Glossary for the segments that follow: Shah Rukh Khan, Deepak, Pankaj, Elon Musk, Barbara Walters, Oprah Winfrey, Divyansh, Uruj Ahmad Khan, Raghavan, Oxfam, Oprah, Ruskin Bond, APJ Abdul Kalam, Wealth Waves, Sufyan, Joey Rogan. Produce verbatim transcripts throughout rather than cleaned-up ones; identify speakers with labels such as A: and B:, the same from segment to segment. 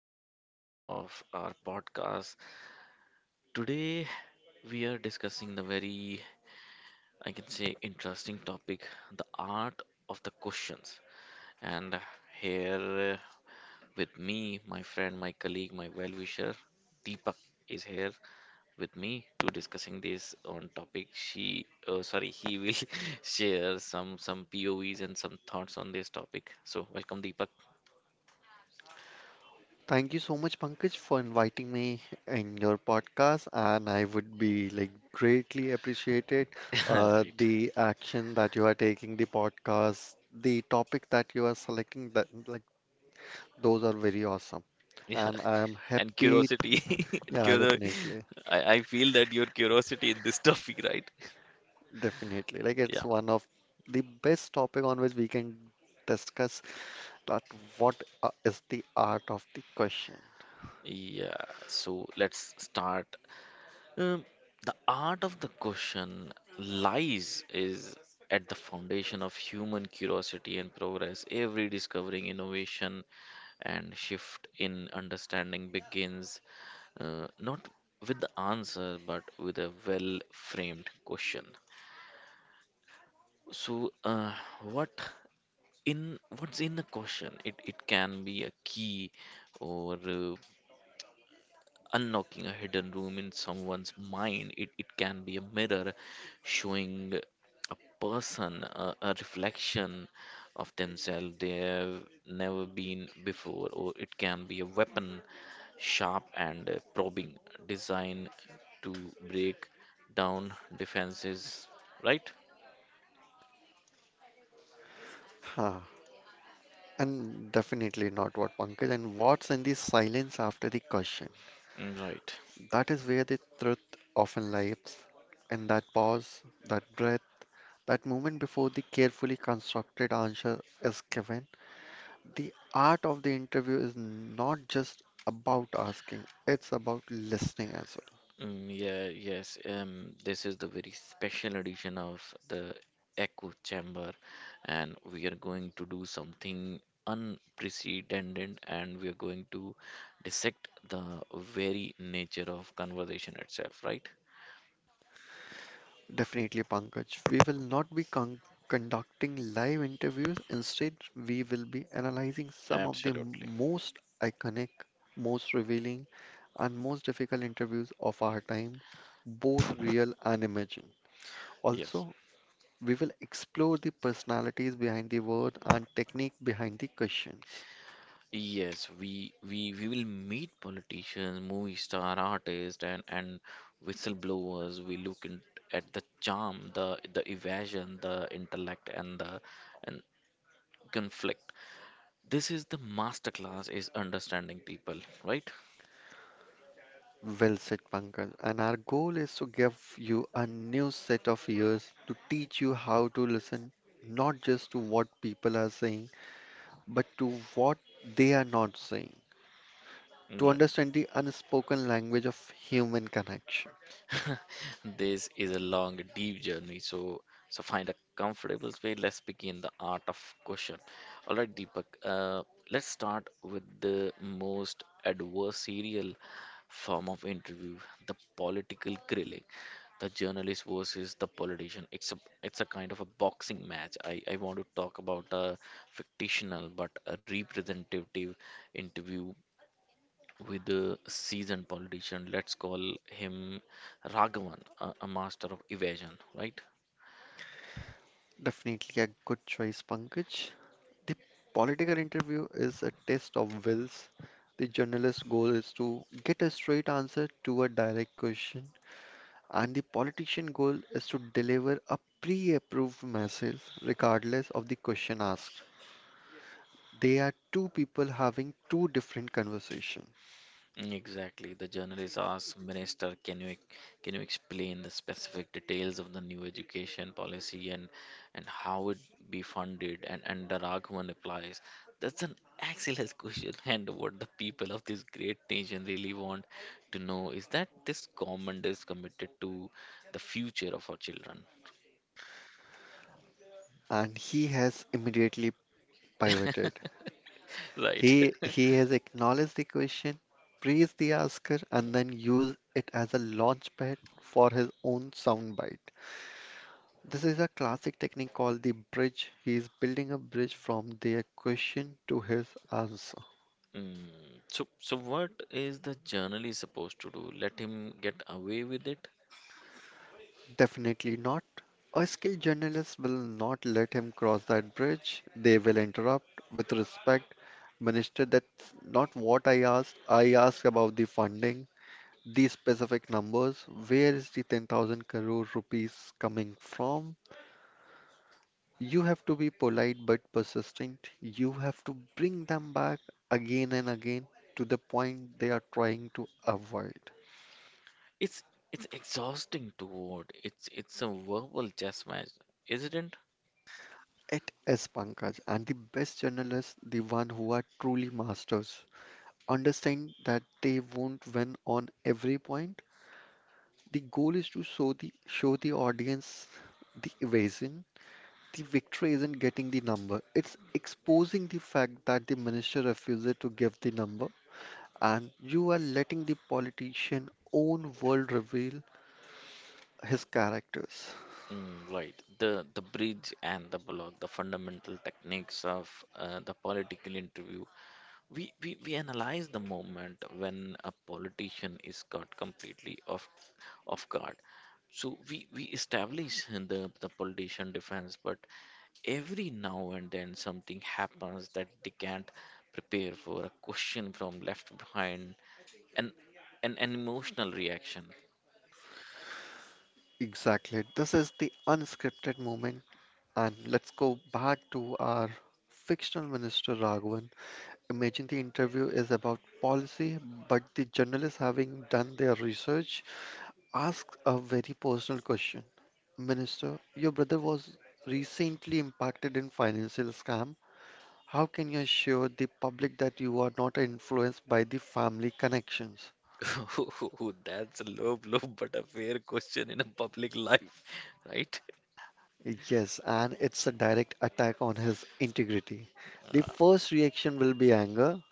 A: episode of our podcast. Today we are discussing the very, I can say, interesting topic, the art of the questions. And here uh, with me, my friend, my colleague, my well-wisher, Deepak is here with me to discussing this on topic. She, oh, sorry, he will share some some P O Vs and some thoughts on this topic. So welcome, Deepak.
B: Thank you so much, Pankaj, for inviting me in your podcast, and I would be like greatly appreciated uh,
A: Right.
B: the action that you are taking, the podcast, the topic that you are selecting. That like those are very awesome,
A: Yeah,
B: and I am
A: and
B: happy.
A: curiosity.
B: Yeah,
A: Curio-
B: definitely,
A: I, I feel that your curiosity in this topic, right?
B: definitely. Like
A: Yeah,
B: it's one of the best topic on which we can discuss that what uh, is the art of the question.
A: yeah. So let's start. Um, the art of the question lies is at the foundation of human curiosity and progress. Every discovering, innovation, and shift in understanding begins uh, not with the answer but with a well framed question. So, uh, what in what's in the question? It it can be a key or uh, unlocking a hidden room in someone's mind. It it can be a mirror showing a person a, a reflection of themselves they have never been before, or it can be a weapon, sharp and uh, probing, designed to break down defenses. Right?
B: And definitely not what Pankaj. And what's in the silence after the question?
A: Mm, right.
B: That is where the truth often lies. And that pause, that breath, that moment before the carefully constructed answer is given. The art of the interview is not just about asking, it's about listening as well.
A: Mm, yeah, yes. Um, this is the very special edition of the Echo Chamber, and we are going to do something unprecedented, and we are going to dissect the very nature of conversation itself, right?
B: Definitely, Pankaj. We will not be con conducting live interviews. Instead, we will be analyzing some of the
A: Absolutely.
B: most iconic, most revealing, and most difficult interviews of our time, both real and imagined.
A: Yes.
B: Also, we will explore the personalities behind the word and technique behind the questions.
A: Yes, we we we will meet politicians, movie star, artists, and and whistleblowers. We look in, at the charm, the the evasion, the intellect, and the and conflict this is the master class is understanding people right.
B: Well said, Pankaj. And our goal is to give you a new set of ears to teach you how to listen, not just to what people are saying but to what they are not saying, to
A: Right.
B: understand the unspoken language of human connection.
A: This is a long deep journey, so so find a comfortable way. Let's begin the art of question. All right, Deepak, uh, let's start with the most adversarial form of interview, the political grilling, the journalist versus the politician. It's a it's a kind of a boxing match. I i want to talk about a fictional but a representative interview with the seasoned politician. Let's call him Raghavan, a, a master of evasion, right?
B: Definitely a good choice, Pankaj. The political interview is a test of wills. The journalist's goal is to get a straight answer to a direct question, and the politician goal is to deliver a pre-approved message regardless of the question asked. They are two people having two different conversations,
A: Mm, exactly. The journalist asked Minister, "Can you ex- can you explain the specific details of the new education policy and and how it be funded?" And and the Raghavan replies, "That's an excellent question. And what the people of this great nation really want to know is that this government is committed to the future of our children,
B: and he has immediately pivoted.
A: right?"
B: He he has acknowledged the question, praised the asker, and then used it as a launchpad for his own soundbite. This is a classic technique called the bridge. He is building a bridge from their question to his answer.
A: Mm. So, so what is the journalist supposed to do? Let him get away with it?
B: Definitely not. A skilled journalist will not let him cross that bridge. They will interrupt with respect. Minister, that's not what I asked. I asked about the funding. These specific numbers, where is the ten thousand crore rupees coming from? You have to be polite but persistent. You have to bring them back again and again to the point they are trying to avoid.
A: It's it's exhausting to watch. It's it's a verbal chess match, isn't it?
B: It is Pankaj, and the best journalists, the one who are truly masters, understand that they won't win on every point. The goal is to show the show the audience the evasion. The victory isn't getting the number, it's exposing the fact that the minister refuses to give the number, and you are letting the politician own world reveal his characters.
A: Mm, right. The the bridge and the block, the fundamental techniques of uh, the political interview. We, we we analyze the moment when a politician is caught completely off off guard. So we we establish the the politician defense, but every now and then something happens that they can't prepare for, a question from left behind, and an an emotional reaction.
B: Exactly. This is the unscripted moment, and let's go back to our fictional minister Raghavan. Imagine the interview is about policy, but the journalists, having done their research, ask a very personal question. Minister, your brother was recently impacted in financial scam. How can you assure the public that you are not influenced by the family connections?
A: Ooh, that's a low blow, but a fair question in a public life, right?
B: Yes, and it's a direct attack on his integrity. The
A: Uh,
B: first reaction will be anger,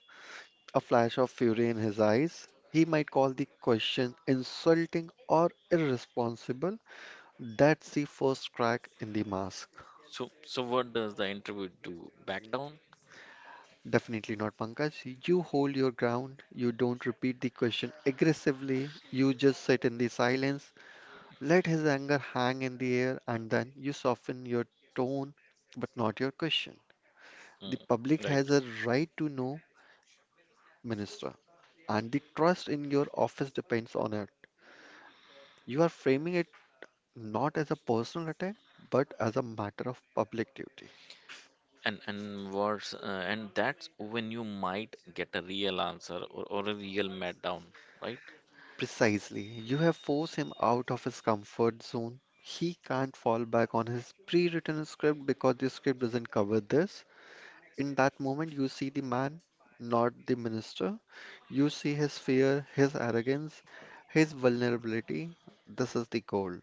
B: a flash of fury in his eyes. He might call the question insulting or irresponsible. That's the first crack in the mask.
A: so, so what does the interview do? Back down?
B: Definitely not, Pankaj. You hold your ground. You don't repeat the question aggressively. You just sit in the silence, let his anger hang in the air, and then you soften your tone, but not your question. The
A: Mm,
B: public
A: right.
B: has a right to know, Minister, and the trust in your office depends on it. You are framing it not as a personal attack, but as a matter of public duty.
A: And and worse, uh, and that's when you might get a real answer or, or a real meltdown, right?
B: Precisely. You have forced him out of his comfort zone. He can't fall back on his pre-written script because the script doesn't cover this. In that moment, you see the man, not the minister. You see his fear, his arrogance, his vulnerability. This is the goal.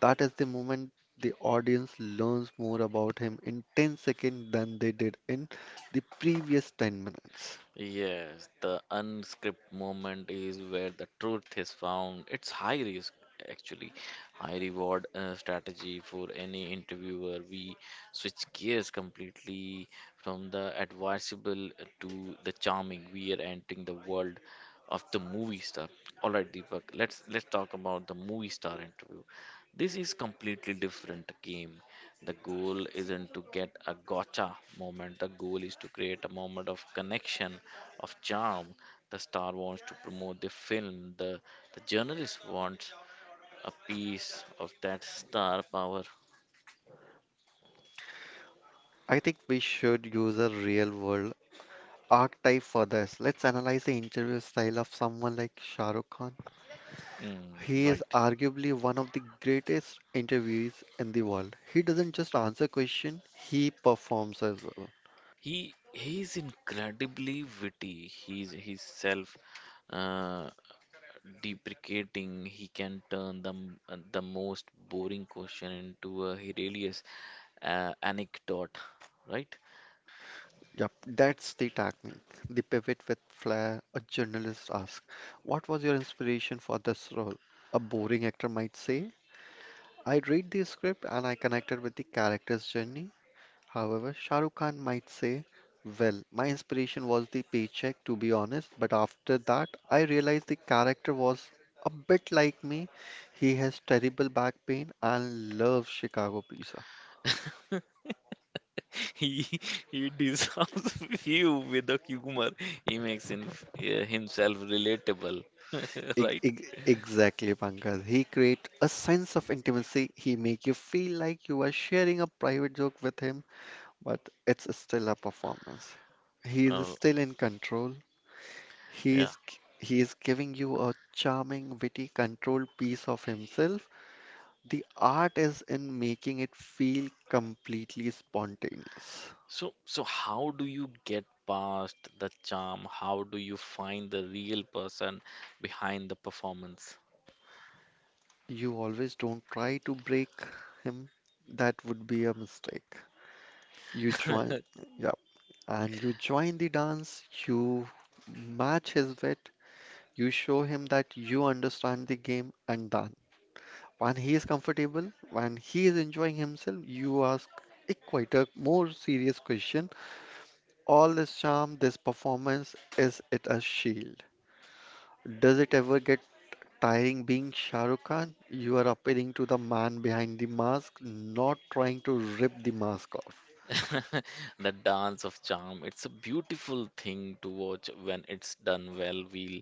B: That is the moment the audience learns more about him in ten seconds than they did in the previous ten minutes.
A: Yes, the unscripted moment is where the truth is found. It's high risk, actually, high reward uh, strategy for any interviewer. We switch gears completely from the advisable to the charming. We are entering the world of the movie star. All right, Deepak, let's let's talk about the movie star interview. This is completely different game. The goal isn't to get a gotcha moment. The goal is to create a moment of connection of charm. The star wants to promote the film. The, the journalist wants a piece of that star power.
B: I think we should use a real world archetype for this. Let's analyze the interview style of someone like Shah Rukh Khan.
A: Mm,
B: He
A: right.
B: is arguably one of the greatest interviewees in the world. He doesn't just answer question, he performs as well.
A: He he's incredibly witty. He's he's self uh, deprecating. He can turn the m- uh, the most boring question into a hilarious uh, anecdote, right?
B: Yep, that's the technique. The pivot with flair. A journalist asks, "What was your inspiration for this role?" A boring actor might say, "I read the script and I connected with the character's journey." However, Shah Rukh Khan might say, well, my inspiration was the paycheck, to be honest, but after that, I realized the character was a bit like me. He has terrible back pain and loves Chicago pizza.
A: He he disarms you with the humor. He makes him, uh, himself relatable,
B: Ex-
A: right?
B: ex- Exactly, Pankaj. He create a sense of intimacy. He make you feel like you are sharing a private joke with him, but it's still a performance. He is
A: Oh,
B: still in control. He
A: yeah.
B: is g- he is giving you a charming, witty, controlled piece of himself. The art is in making it feel completely spontaneous.
A: So so how do you get past the charm? How do you find the real person behind the performance?
B: You always don't try to break him. That would be a mistake. You join, yeah, and you join the dance, you match his wit, you show him that you understand the game and done. When he is comfortable, when he is enjoying himself, you ask a quieter, more serious question. All this charm, this performance, is it a shield? Does it ever get tiring being Shah Rukh Khan? You are appealing to the man behind the mask, not trying to rip the mask off.
A: The dance of charm. It's a beautiful thing to watch when it's done well. We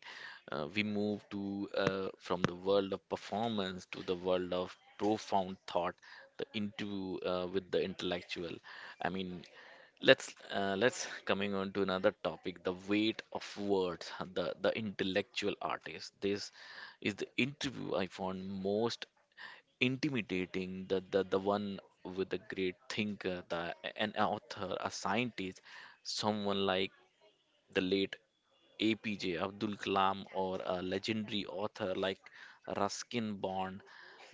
A: uh, We move to uh, from the world of performance to the world of profound thought, the into uh, with the intellectual. I mean, let's uh, let's coming on to another topic, the weight of words, the the intellectual artist. This is the interview I found most intimidating, the, the the one with a great thinker, the an author, a scientist, someone like the late APJ Abdul Kalam or a legendary author like Ruskin Bond.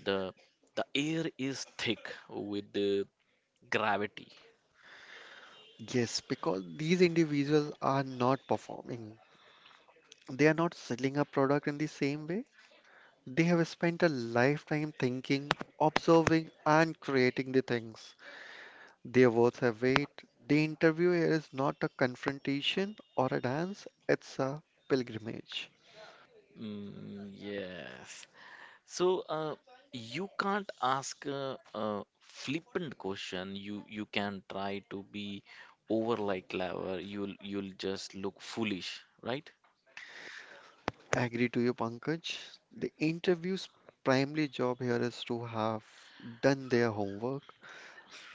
A: the the air is thick with the gravity.
B: Yes, because these individuals are not performing. They are not selling a product in the same way. They have spent a lifetime thinking, observing, and creating the things. Their words have weight. The interview is not a confrontation or a dance, it's a pilgrimage.
A: Mm, yes. So, uh, you can't ask a, a flippant question. You you can try to be over like clever. You'll you'll just look foolish, right?
B: I agree to you, Pankaj. The interview's primary job here is to have done their homework,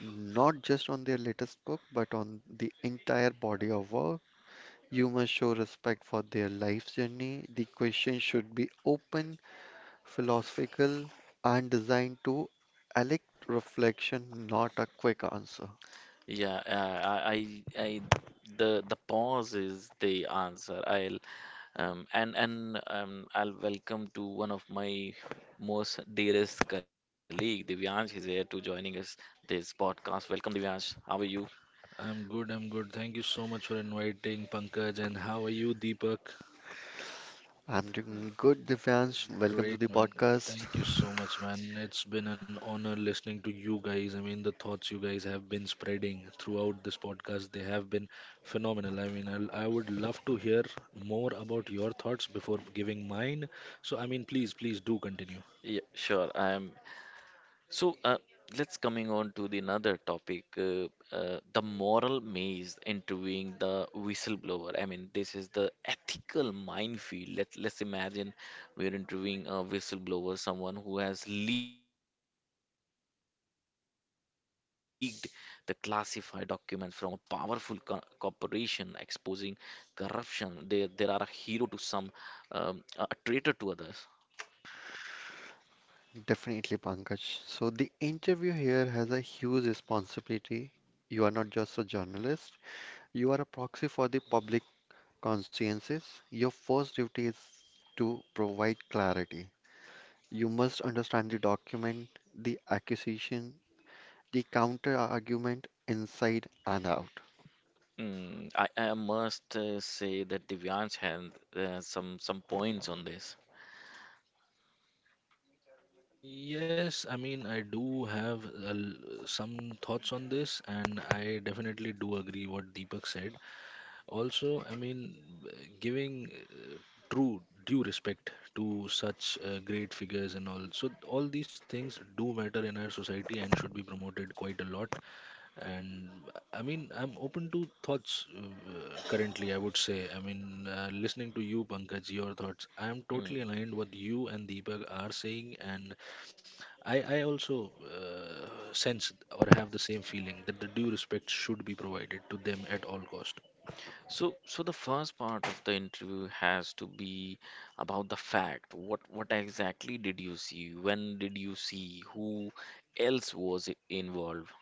B: not just on their latest book, but on the entire body of work. You must show respect for their life's journey. The question should be open, philosophical, and designed to elect reflection, not a quick answer.
A: Yeah, uh, I, I I the the pause is the answer. I'll um, and and um, I'll welcome to one of my most dearest colleague, Divyansh, is here to joining us this podcast. Welcome, Divyansh. How are you?
C: I'm good, I'm good. Thank you so much for inviting Pankaj. And how are you, Deepak?
B: I'm doing good, Divyansh. Welcome to the
C: Great, man.
B: podcast.
C: Thank you so much, man. It's been an honor listening to you guys. I mean, the thoughts you guys have been spreading throughout this podcast, they have been phenomenal. I mean, I'll, I would love to hear more about your thoughts before giving mine. So, I mean, please, please do continue.
A: Yeah, sure. I'm so uh, let's coming on to the another topic, uh, uh, the moral maze interviewing the whistleblower. I mean, this is the ethical minefield. Let's let's imagine we're interviewing a whistleblower, someone who has leaked the classified documents from a powerful co corporation, exposing corruption. They there are a hero to some, um, a a traitor to others.
B: Definitely, Pankaj. So, the interview here has a huge responsibility. You are not just a journalist, you are a proxy for the public consciences. Your first duty is to provide clarity. You must understand the document, the accusation, the counter argument inside and out.
A: Mm, I, I must uh, say that Divyansh had uh, some some points on this.
C: Yes, I mean, I do have uh, l- some thoughts on this, and I definitely do agree what Deepak said. Also, I mean, giving true due respect to such uh, great figures and all. So all these things do matter in our society and should be promoted quite a lot. And I mean, I'm open to thoughts uh, currently, I would say. I mean, uh, listening to you, Pankaj, your thoughts, I am
A: Mm.
C: totally aligned what you and Deepak are saying, and I, I also uh, sense or have the same feeling that the due respect should be provided to them at all cost.
A: So, so the first part of the interview has to be about the fact. What what exactly did you see? When did you see? Who else was i- involved?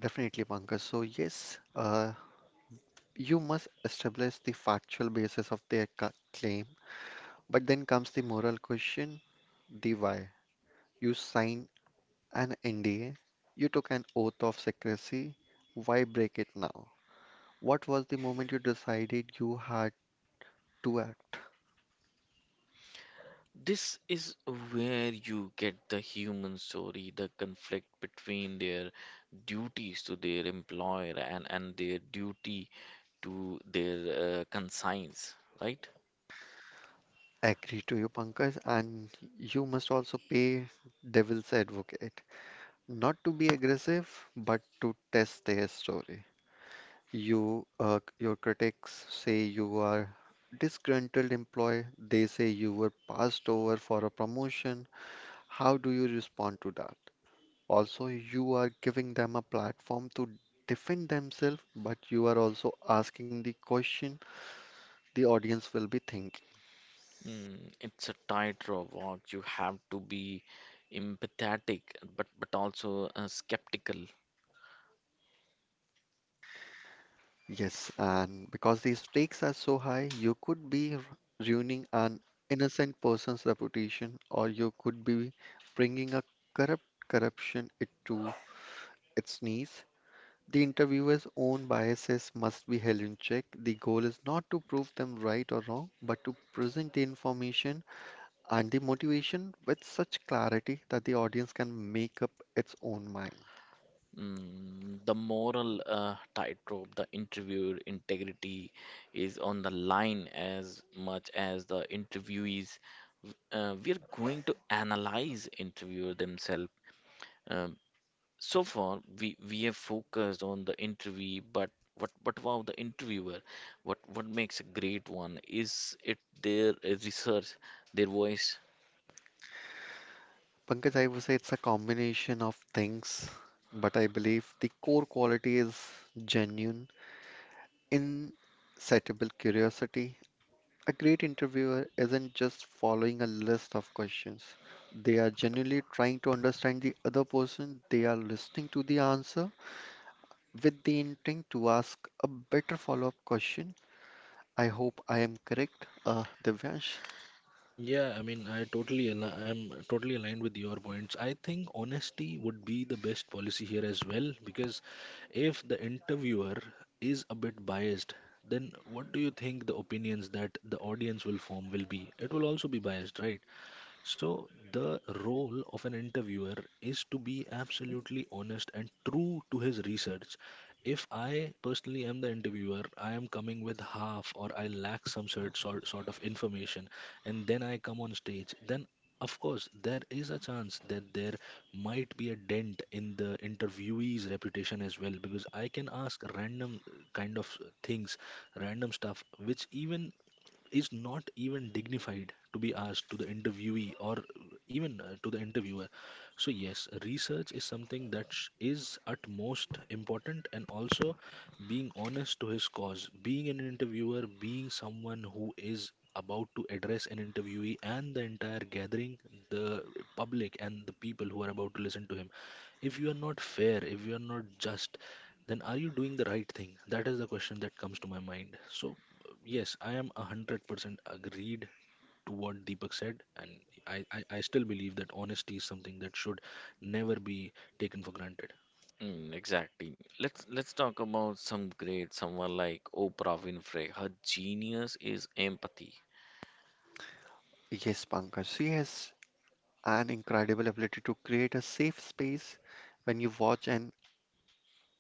B: Definitely, Pankaj. So, yes, uh, you must establish the factual basis of their ca- claim. But then comes the moral question, the why. You signed an N D A, you took an oath of secrecy, why break it now? What was the moment you decided you had to act?
A: This is where you get the human story, the conflict between their duties to their employer and and their duty to their uh, conscience, right?
B: I agree to you, Pankaj, and you must also pay devil's advocate. Not to be aggressive, but to test their story. You, uh, your critics say you are disgruntled employee. They say you were passed over for a promotion. How do you respond to that? Also, you are giving them a platform to defend themselves, but you are also asking the question the audience will be thinking.
A: Mm, it's a tightrope walk. You have to be empathetic, but but also uh, skeptical.
B: Yes, and because the stakes are so high, you could be r- ruining an innocent person's reputation, or you could be bringing a corrupt corruption it to its knees. The interviewer's own biases must be held in check. The goal is not to prove them right or wrong, but to present the information and the motivation with such clarity that the audience can make up its own mind.
A: Mm, the moral uh, tightrope, the interviewer integrity is on the line as much as the interviewees. Uh, we are going to analyze interviewer themselves. um, So far, we we have focused on the interview, but what what about the interviewer? What what makes a great one? Is it their uh, research, their voice?
B: Pankaj, I would say it's a combination of things, but I believe the core quality is genuine, insatiable curiosity. A great interviewer isn't just following a list of questions. They are genuinely trying to understand the other person. They are listening to the answer with the intent to ask a better follow-up question. I hope I am correct, uh, Divyansh.
C: Yeah, I mean, I totally al- I'm totally aligned with your points. I think honesty would be the best policy here as well because if the interviewer is a bit biased, then what do you think the opinions that the audience will form will be? It will also be biased, right? So, the role of an interviewer is to be absolutely honest and true to his research. If I personally am the interviewer, I am coming with half or I lack some sort, sort, sort of information, and then I come on stage, then of course, there is a chance that there might be a dent in the interviewee's reputation as well because I can ask random kind of things, random stuff, which even is not even dignified to be asked to the interviewee or even uh, to the interviewer. So, yes, research is something that sh- is at most important, and also being honest to his cause, being an interviewer, being someone who is about to address an interviewee and the entire gathering, the public, and the people who are about to listen to him. If you are not fair, if you are not just, then are you doing the right thing? That is the question that comes to my mind. So, yes, I am one hundred percent agreed to what Deepak said, and I, I, I still believe that honesty is something that should never be taken for granted.
A: Mm, exactly. Let's let's talk about some great someone like Oprah Winfrey. Her genius is empathy.
B: Yes, Pankaj, she has an incredible ability to create a safe space. When you watch an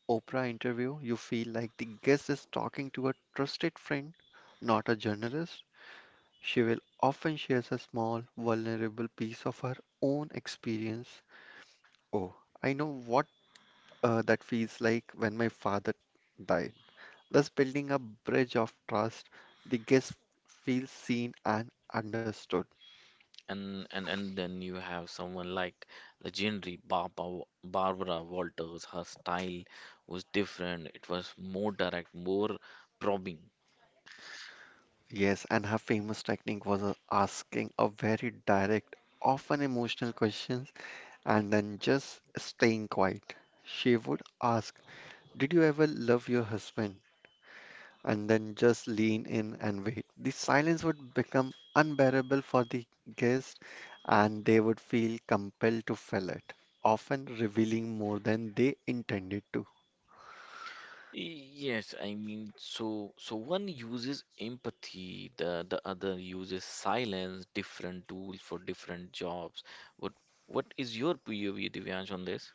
B: Oprah interview, you feel like the guest is talking to a trusted friend, not a journalist. She will often shares a small, vulnerable piece of her own experience. Oh, I know what uh, that feels like when my father died. Thus, building a bridge of trust, the guest feels seen and understood.
A: And, and and then you have someone like legendary Barbara, Barbara Walters. Her style was different. It was more direct, more probing.
B: Yes, and her famous technique was uh, asking a very direct, often emotional questions and then just staying quiet. She would ask, "Did you ever love your husband?" and then just lean in and wait. The silence would become unbearable for the guest and they would feel compelled to fill it, often revealing more than they intended to.
A: Yes, I mean, so so one uses empathy, the the other uses silence, different tools for different jobs. What what is your P O V, Divyansh, on this?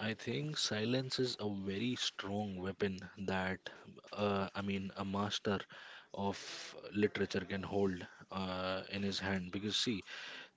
C: I think silence is a very strong weapon that, uh, I mean, a master of literature can hold uh, in his hand. Because, see,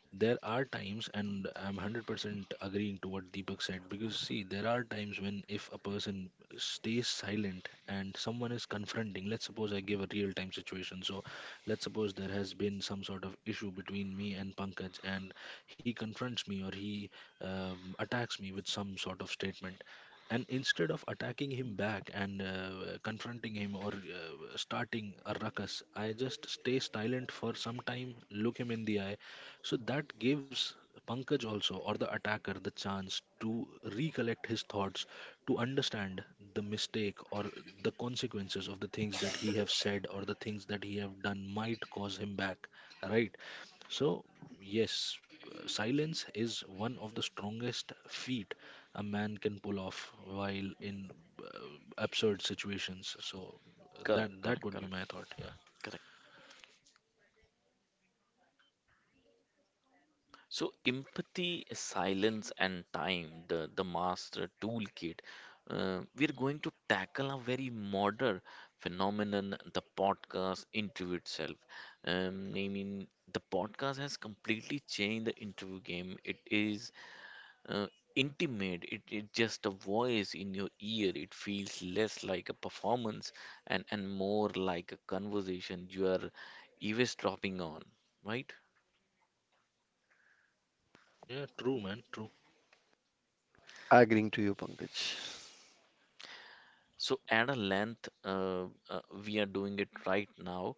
C: there are times, and I'm one hundred percent agreeing to what Deepak said because see there are times when if a person stays silent and someone is confronting, let's suppose I give a real time situation. So let's suppose there has been some sort of issue between me and Pankaj, and he confronts me, or he um, attacks me with some sort of statement, and instead of attacking him back and uh, confronting him or uh, starting a ruckus, I just stay silent for some time, look him in the eye. So that gives Pankaj also, or the attacker, the chance to recollect his thoughts, to understand the mistake or the consequences of the things that he have said or the things that he have done might cause him back, right? So yes, uh, silence is one of the strongest feat a man can pull off while in uh, absurd situations. So that
A: Correct,
C: that
A: correct,
C: would be
A: correct,
C: my thought. Yeah,
A: correct. So empathy, silence, and time, the the master toolkit. Uh, we're going to tackle a very modern phenomenon, the podcast interview itself. Um, I mean, the podcast has completely changed the interview game. It is uh, intimate. It, it's just a voice in your ear. It feels less like a performance and, and more like a conversation you are eavesdropping on, right?
C: yeah, true, man, true.
B: Agreeing to you, Pankaj.
A: So at a length, uh, uh, we are doing it right now.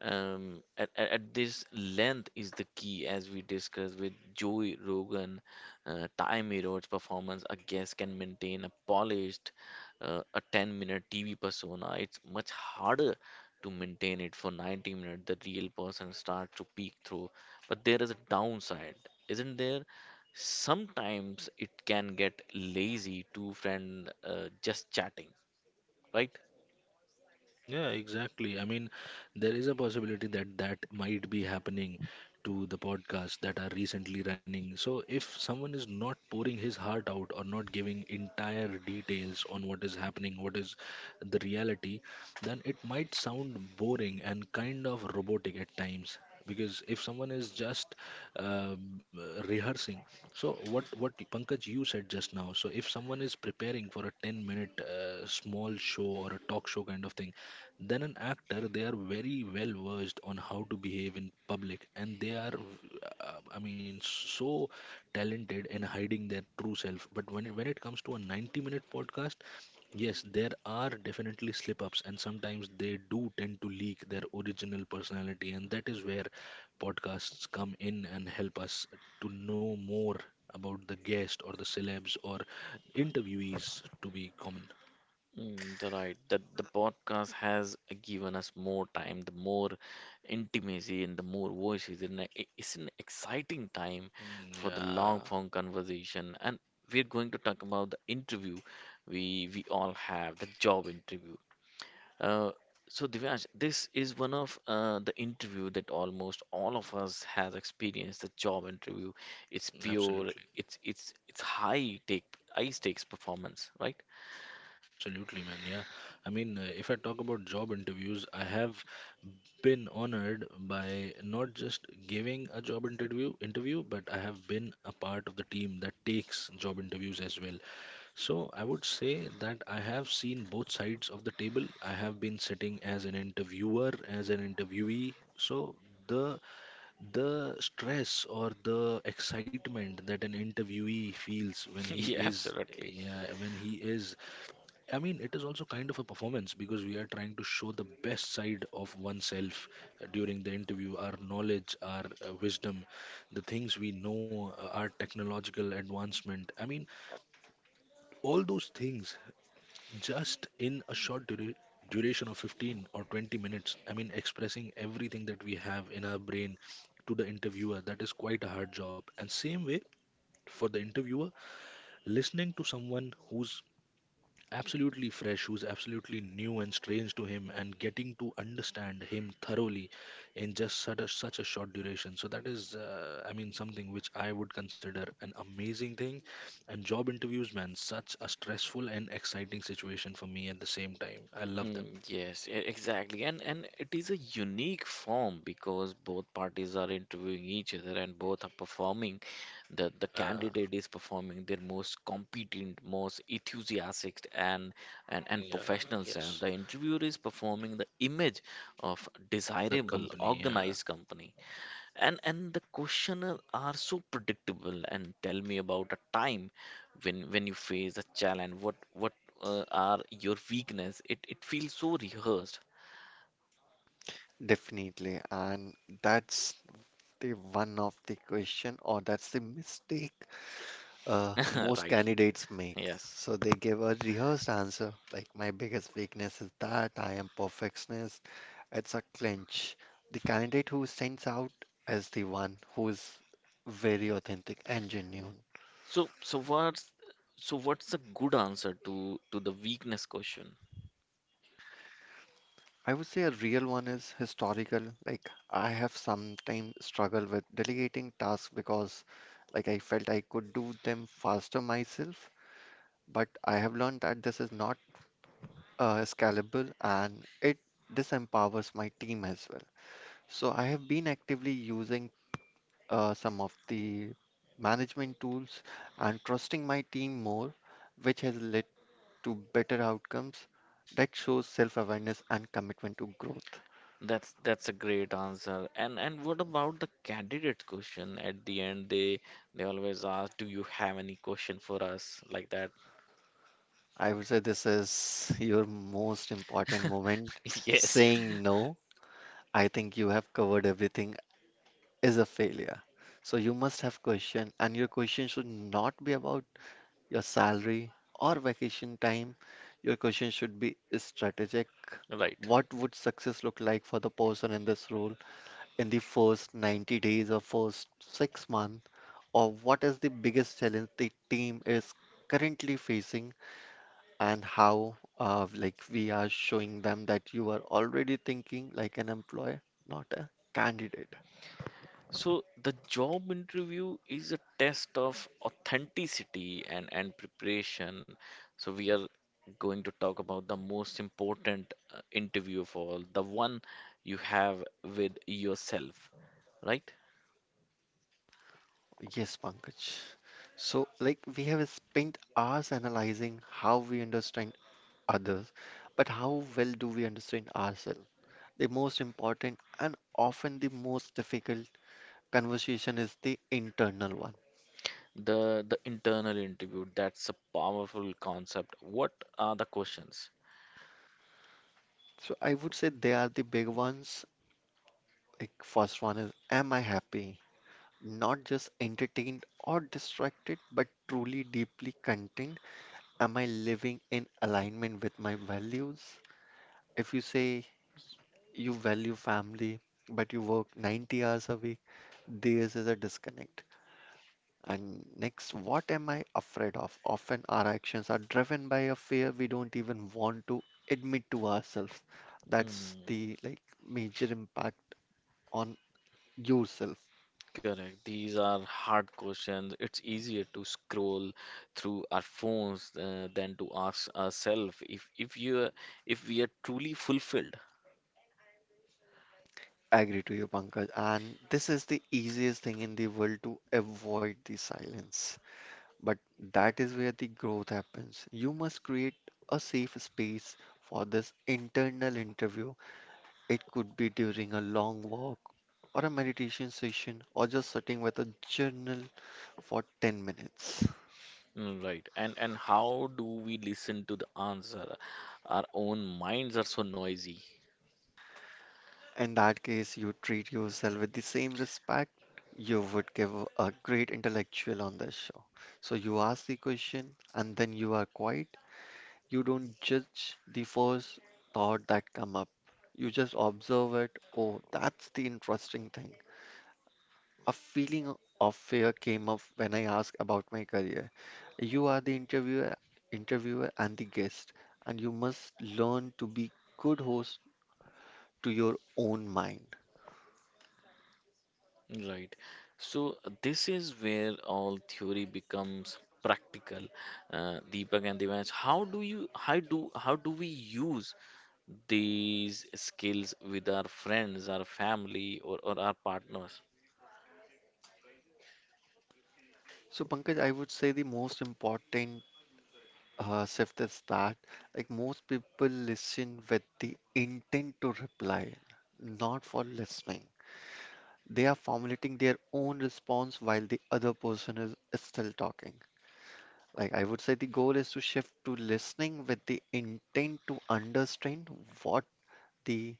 A: Um, at, at, at this length is the key, as we discussed with Joey Rogan. Uh, time erodes performance. A guest can maintain a polished, uh, a ten-minute T V persona. It's much harder to maintain it for ninety minutes. The real person starts to peek through, but there is a downside, isn't there? Sometimes it can get lazy. Two friend uh, just chatting, right?
C: Yeah, exactly. I mean, there is a possibility that that might be happening to the podcasts that are recently running. So, if someone is not pouring his heart out or not giving entire details on what is happening, what is the reality, then it might sound boring and kind of robotic at times. Because if someone is just uh, rehearsing, so what what Pankaj you said just now, so if someone is preparing for a ten minute uh, small show or a talk show kind of thing, then an actor, they are very well versed on how to behave in public, and they are, uh, I mean, so talented in hiding their true self. But when it, when it comes to a ninety-minute podcast, yes, there are definitely slip-ups, and sometimes they do tend to leak their original personality, and that is where podcasts come in and help us to know more about the guest or the celebs or interviewees to be common.
A: Mm, the right that the podcast has given us more time, the more intimacy and the more voices, and i- it's an exciting time for the long
C: Mm,
A: form conversation. And we're going to talk about the interview we we all have, the job interview. Uh, so Divyansh, this is one of uh, the interview that almost all of us has experienced. The job interview, it's
C: yeah,
A: pure,
C: absolutely.
A: it's it's it's high take high stakes performance, right?
C: Absolutely, man. Yeah. I mean, uh, if I talk about job interviews, I have been honored by not just giving a job interview interview, but I have been a part of the team that takes job interviews as well. So I would say that I have seen both sides of the table. I have been sitting as an interviewer, as an interviewee. So the the stress or the excitement that an interviewee feels when he
A: Yeah,
C: is,
A: absolutely.
C: yeah, when he is, I mean, it is also kind of a performance because we are trying to show the best side of oneself uh, during the interview, our knowledge, our uh, wisdom, the things we know, uh, our technological advancement. I mean, all those things just in a short dura- duration of fifteen or twenty minutes. I mean, expressing everything that we have in our brain to the interviewer, that is quite a hard job. And same way for the interviewer, listening to someone who's absolutely fresh, who's absolutely new and strange to him, and getting to understand him thoroughly in just such a, such a short duration. So that is, uh, I mean, something which I would consider an amazing thing. And job interviews, man, such a stressful and exciting situation for me at the same time. I love them.
A: Mm, yes, e- exactly. And and it is a unique form because both parties are interviewing each other and both are performing. The the
C: Yeah,
A: candidate is performing their most competent, most enthusiastic and and, and
C: yeah,
A: professional self.
C: yes.
A: The interviewer is performing the image of
C: The
A: desirable,
C: company, yeah.
A: organized company. and and the questioners are so predictable, and tell me about a time when when you face a challenge, what what uh, are your weakness, it it feels so rehearsed.
B: Definitely, and that's the one of the question, or that's the mistake uh, most
A: Right,
B: candidates make.
A: yes.
B: So they give a rehearsed answer, like my biggest weakness is that I am perfectionist. It's a clinch. The candidate who stands out is the one who is very authentic and genuine.
A: So so what's so what's a good answer to to the weakness question?
B: I would say a real one is historical. Like I have sometimes struggled with delegating tasks because like I felt I could do them faster myself, but I have learned that this is not uh, scalable and it disempowers my team as well. So I have been actively using uh, some of the management tools and trusting my team more, which has led to better outcomes that shows self-awareness and commitment to growth.
A: that's that's a great answer. and and what about the candidate question at the end, they they always ask do you have any question for us, like that?
B: I would say this is your most important moment.
A: Yes,
B: Saying no, I think you have covered everything, is a failure. So you must have question, and your question should not be about your salary, or vacation time, your question should be strategic.
A: right.
B: What would success look like for the person in this role in the first ninety days or first six months? Or what is the biggest challenge the team is currently facing, and how, uh, like, we are showing them that you are already thinking like an employer, not a candidate.
A: So the job interview is a test of authenticity and, and preparation. So we are going to talk about the most important uh, interview of all, the one you have with yourself, right?
B: Yes, Pankaj. So, like, we have spent hours analyzing how we understand others, but how well do we understand ourselves? The most important and often the most difficult conversation is the internal one.
A: The the internal interview, that's a powerful concept. What are the questions?
B: So I would say they are the big ones. Like first one is am I happy? Not just entertained or distracted, but truly deeply content. Am I living in alignment with my values? If you say you value family, but you work ninety hours a week, there is a disconnect. And next, what am I afraid of? Often our actions are driven by a fear we don't even want to admit to ourselves. That's
A: Hmm.
B: the like major impact on yourself.
A: Correct. These are hard questions. It's easier to scroll through our phones uh, than to ask ourselves if if you if we are truly fulfilled.
B: I agree to you, Pankaj. And this is the easiest thing in the world to avoid the silence. But that is where the growth happens. You must create a safe space for this internal interview. It could be during a long walk or a meditation session or just sitting with a journal for ten minutes.
A: Mm, right? And and how do we listen to the answer? Our own minds are so noisy.
B: In that case, you treat yourself with the same respect you would give a great intellectual on this show. So you ask the question and then you are quiet. You don't judge the first thought that come up. You just observe it. Oh, that's the interesting thing. A feeling of fear came up when I asked about my career. You are the interviewer, interviewer and the guest, and you must learn to be good host to your own mind.
A: Right. So this is where all theory becomes practical. Uh, Deepak and Devansh, how do you how do how do we use these skills with our friends, our family, or, or our partners?
B: So, Pankaj, I would say the most important uh, shift is that, like most people listen with the intent to reply, not for listening. They are formulating their own response while the other person is still talking. Like I would say the goal is to shift to listening with the intent to understand what the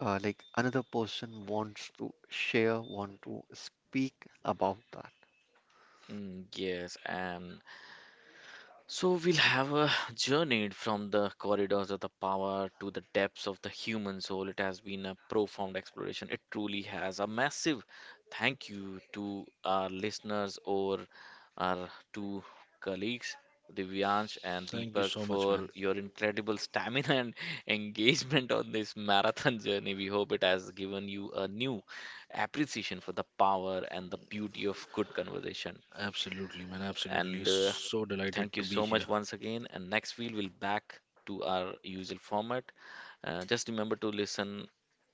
B: uh, like another person wants to share, want to speak about that.
A: Mm, yes, and so we'll have a journey from the corridors of the power to the depths of the human soul. It has been a profound exploration. It truly has a massive thank you to our listeners or our two colleagues, Divyansh and
C: Thank you
A: Deepak,
C: so much, man.
A: for your incredible stamina and engagement on this marathon journey. We hope it has given you a new appreciation for the power and the beauty of good conversation.
C: Absolutely, man. Absolutely.
A: And uh,
C: So delighted to
A: thank you
C: be
A: so
C: here.
A: much once again. And next week we'll back to our usual format. Uh, just remember to listen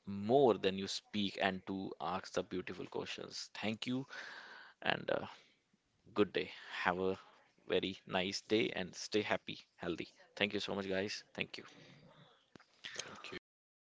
A: more than you speak and to ask the beautiful questions. Thank you and uh, good day. Have a very nice day and stay happy, healthy. Thank you so much, guys. Thank you.
C: Thank you.
B: Yep.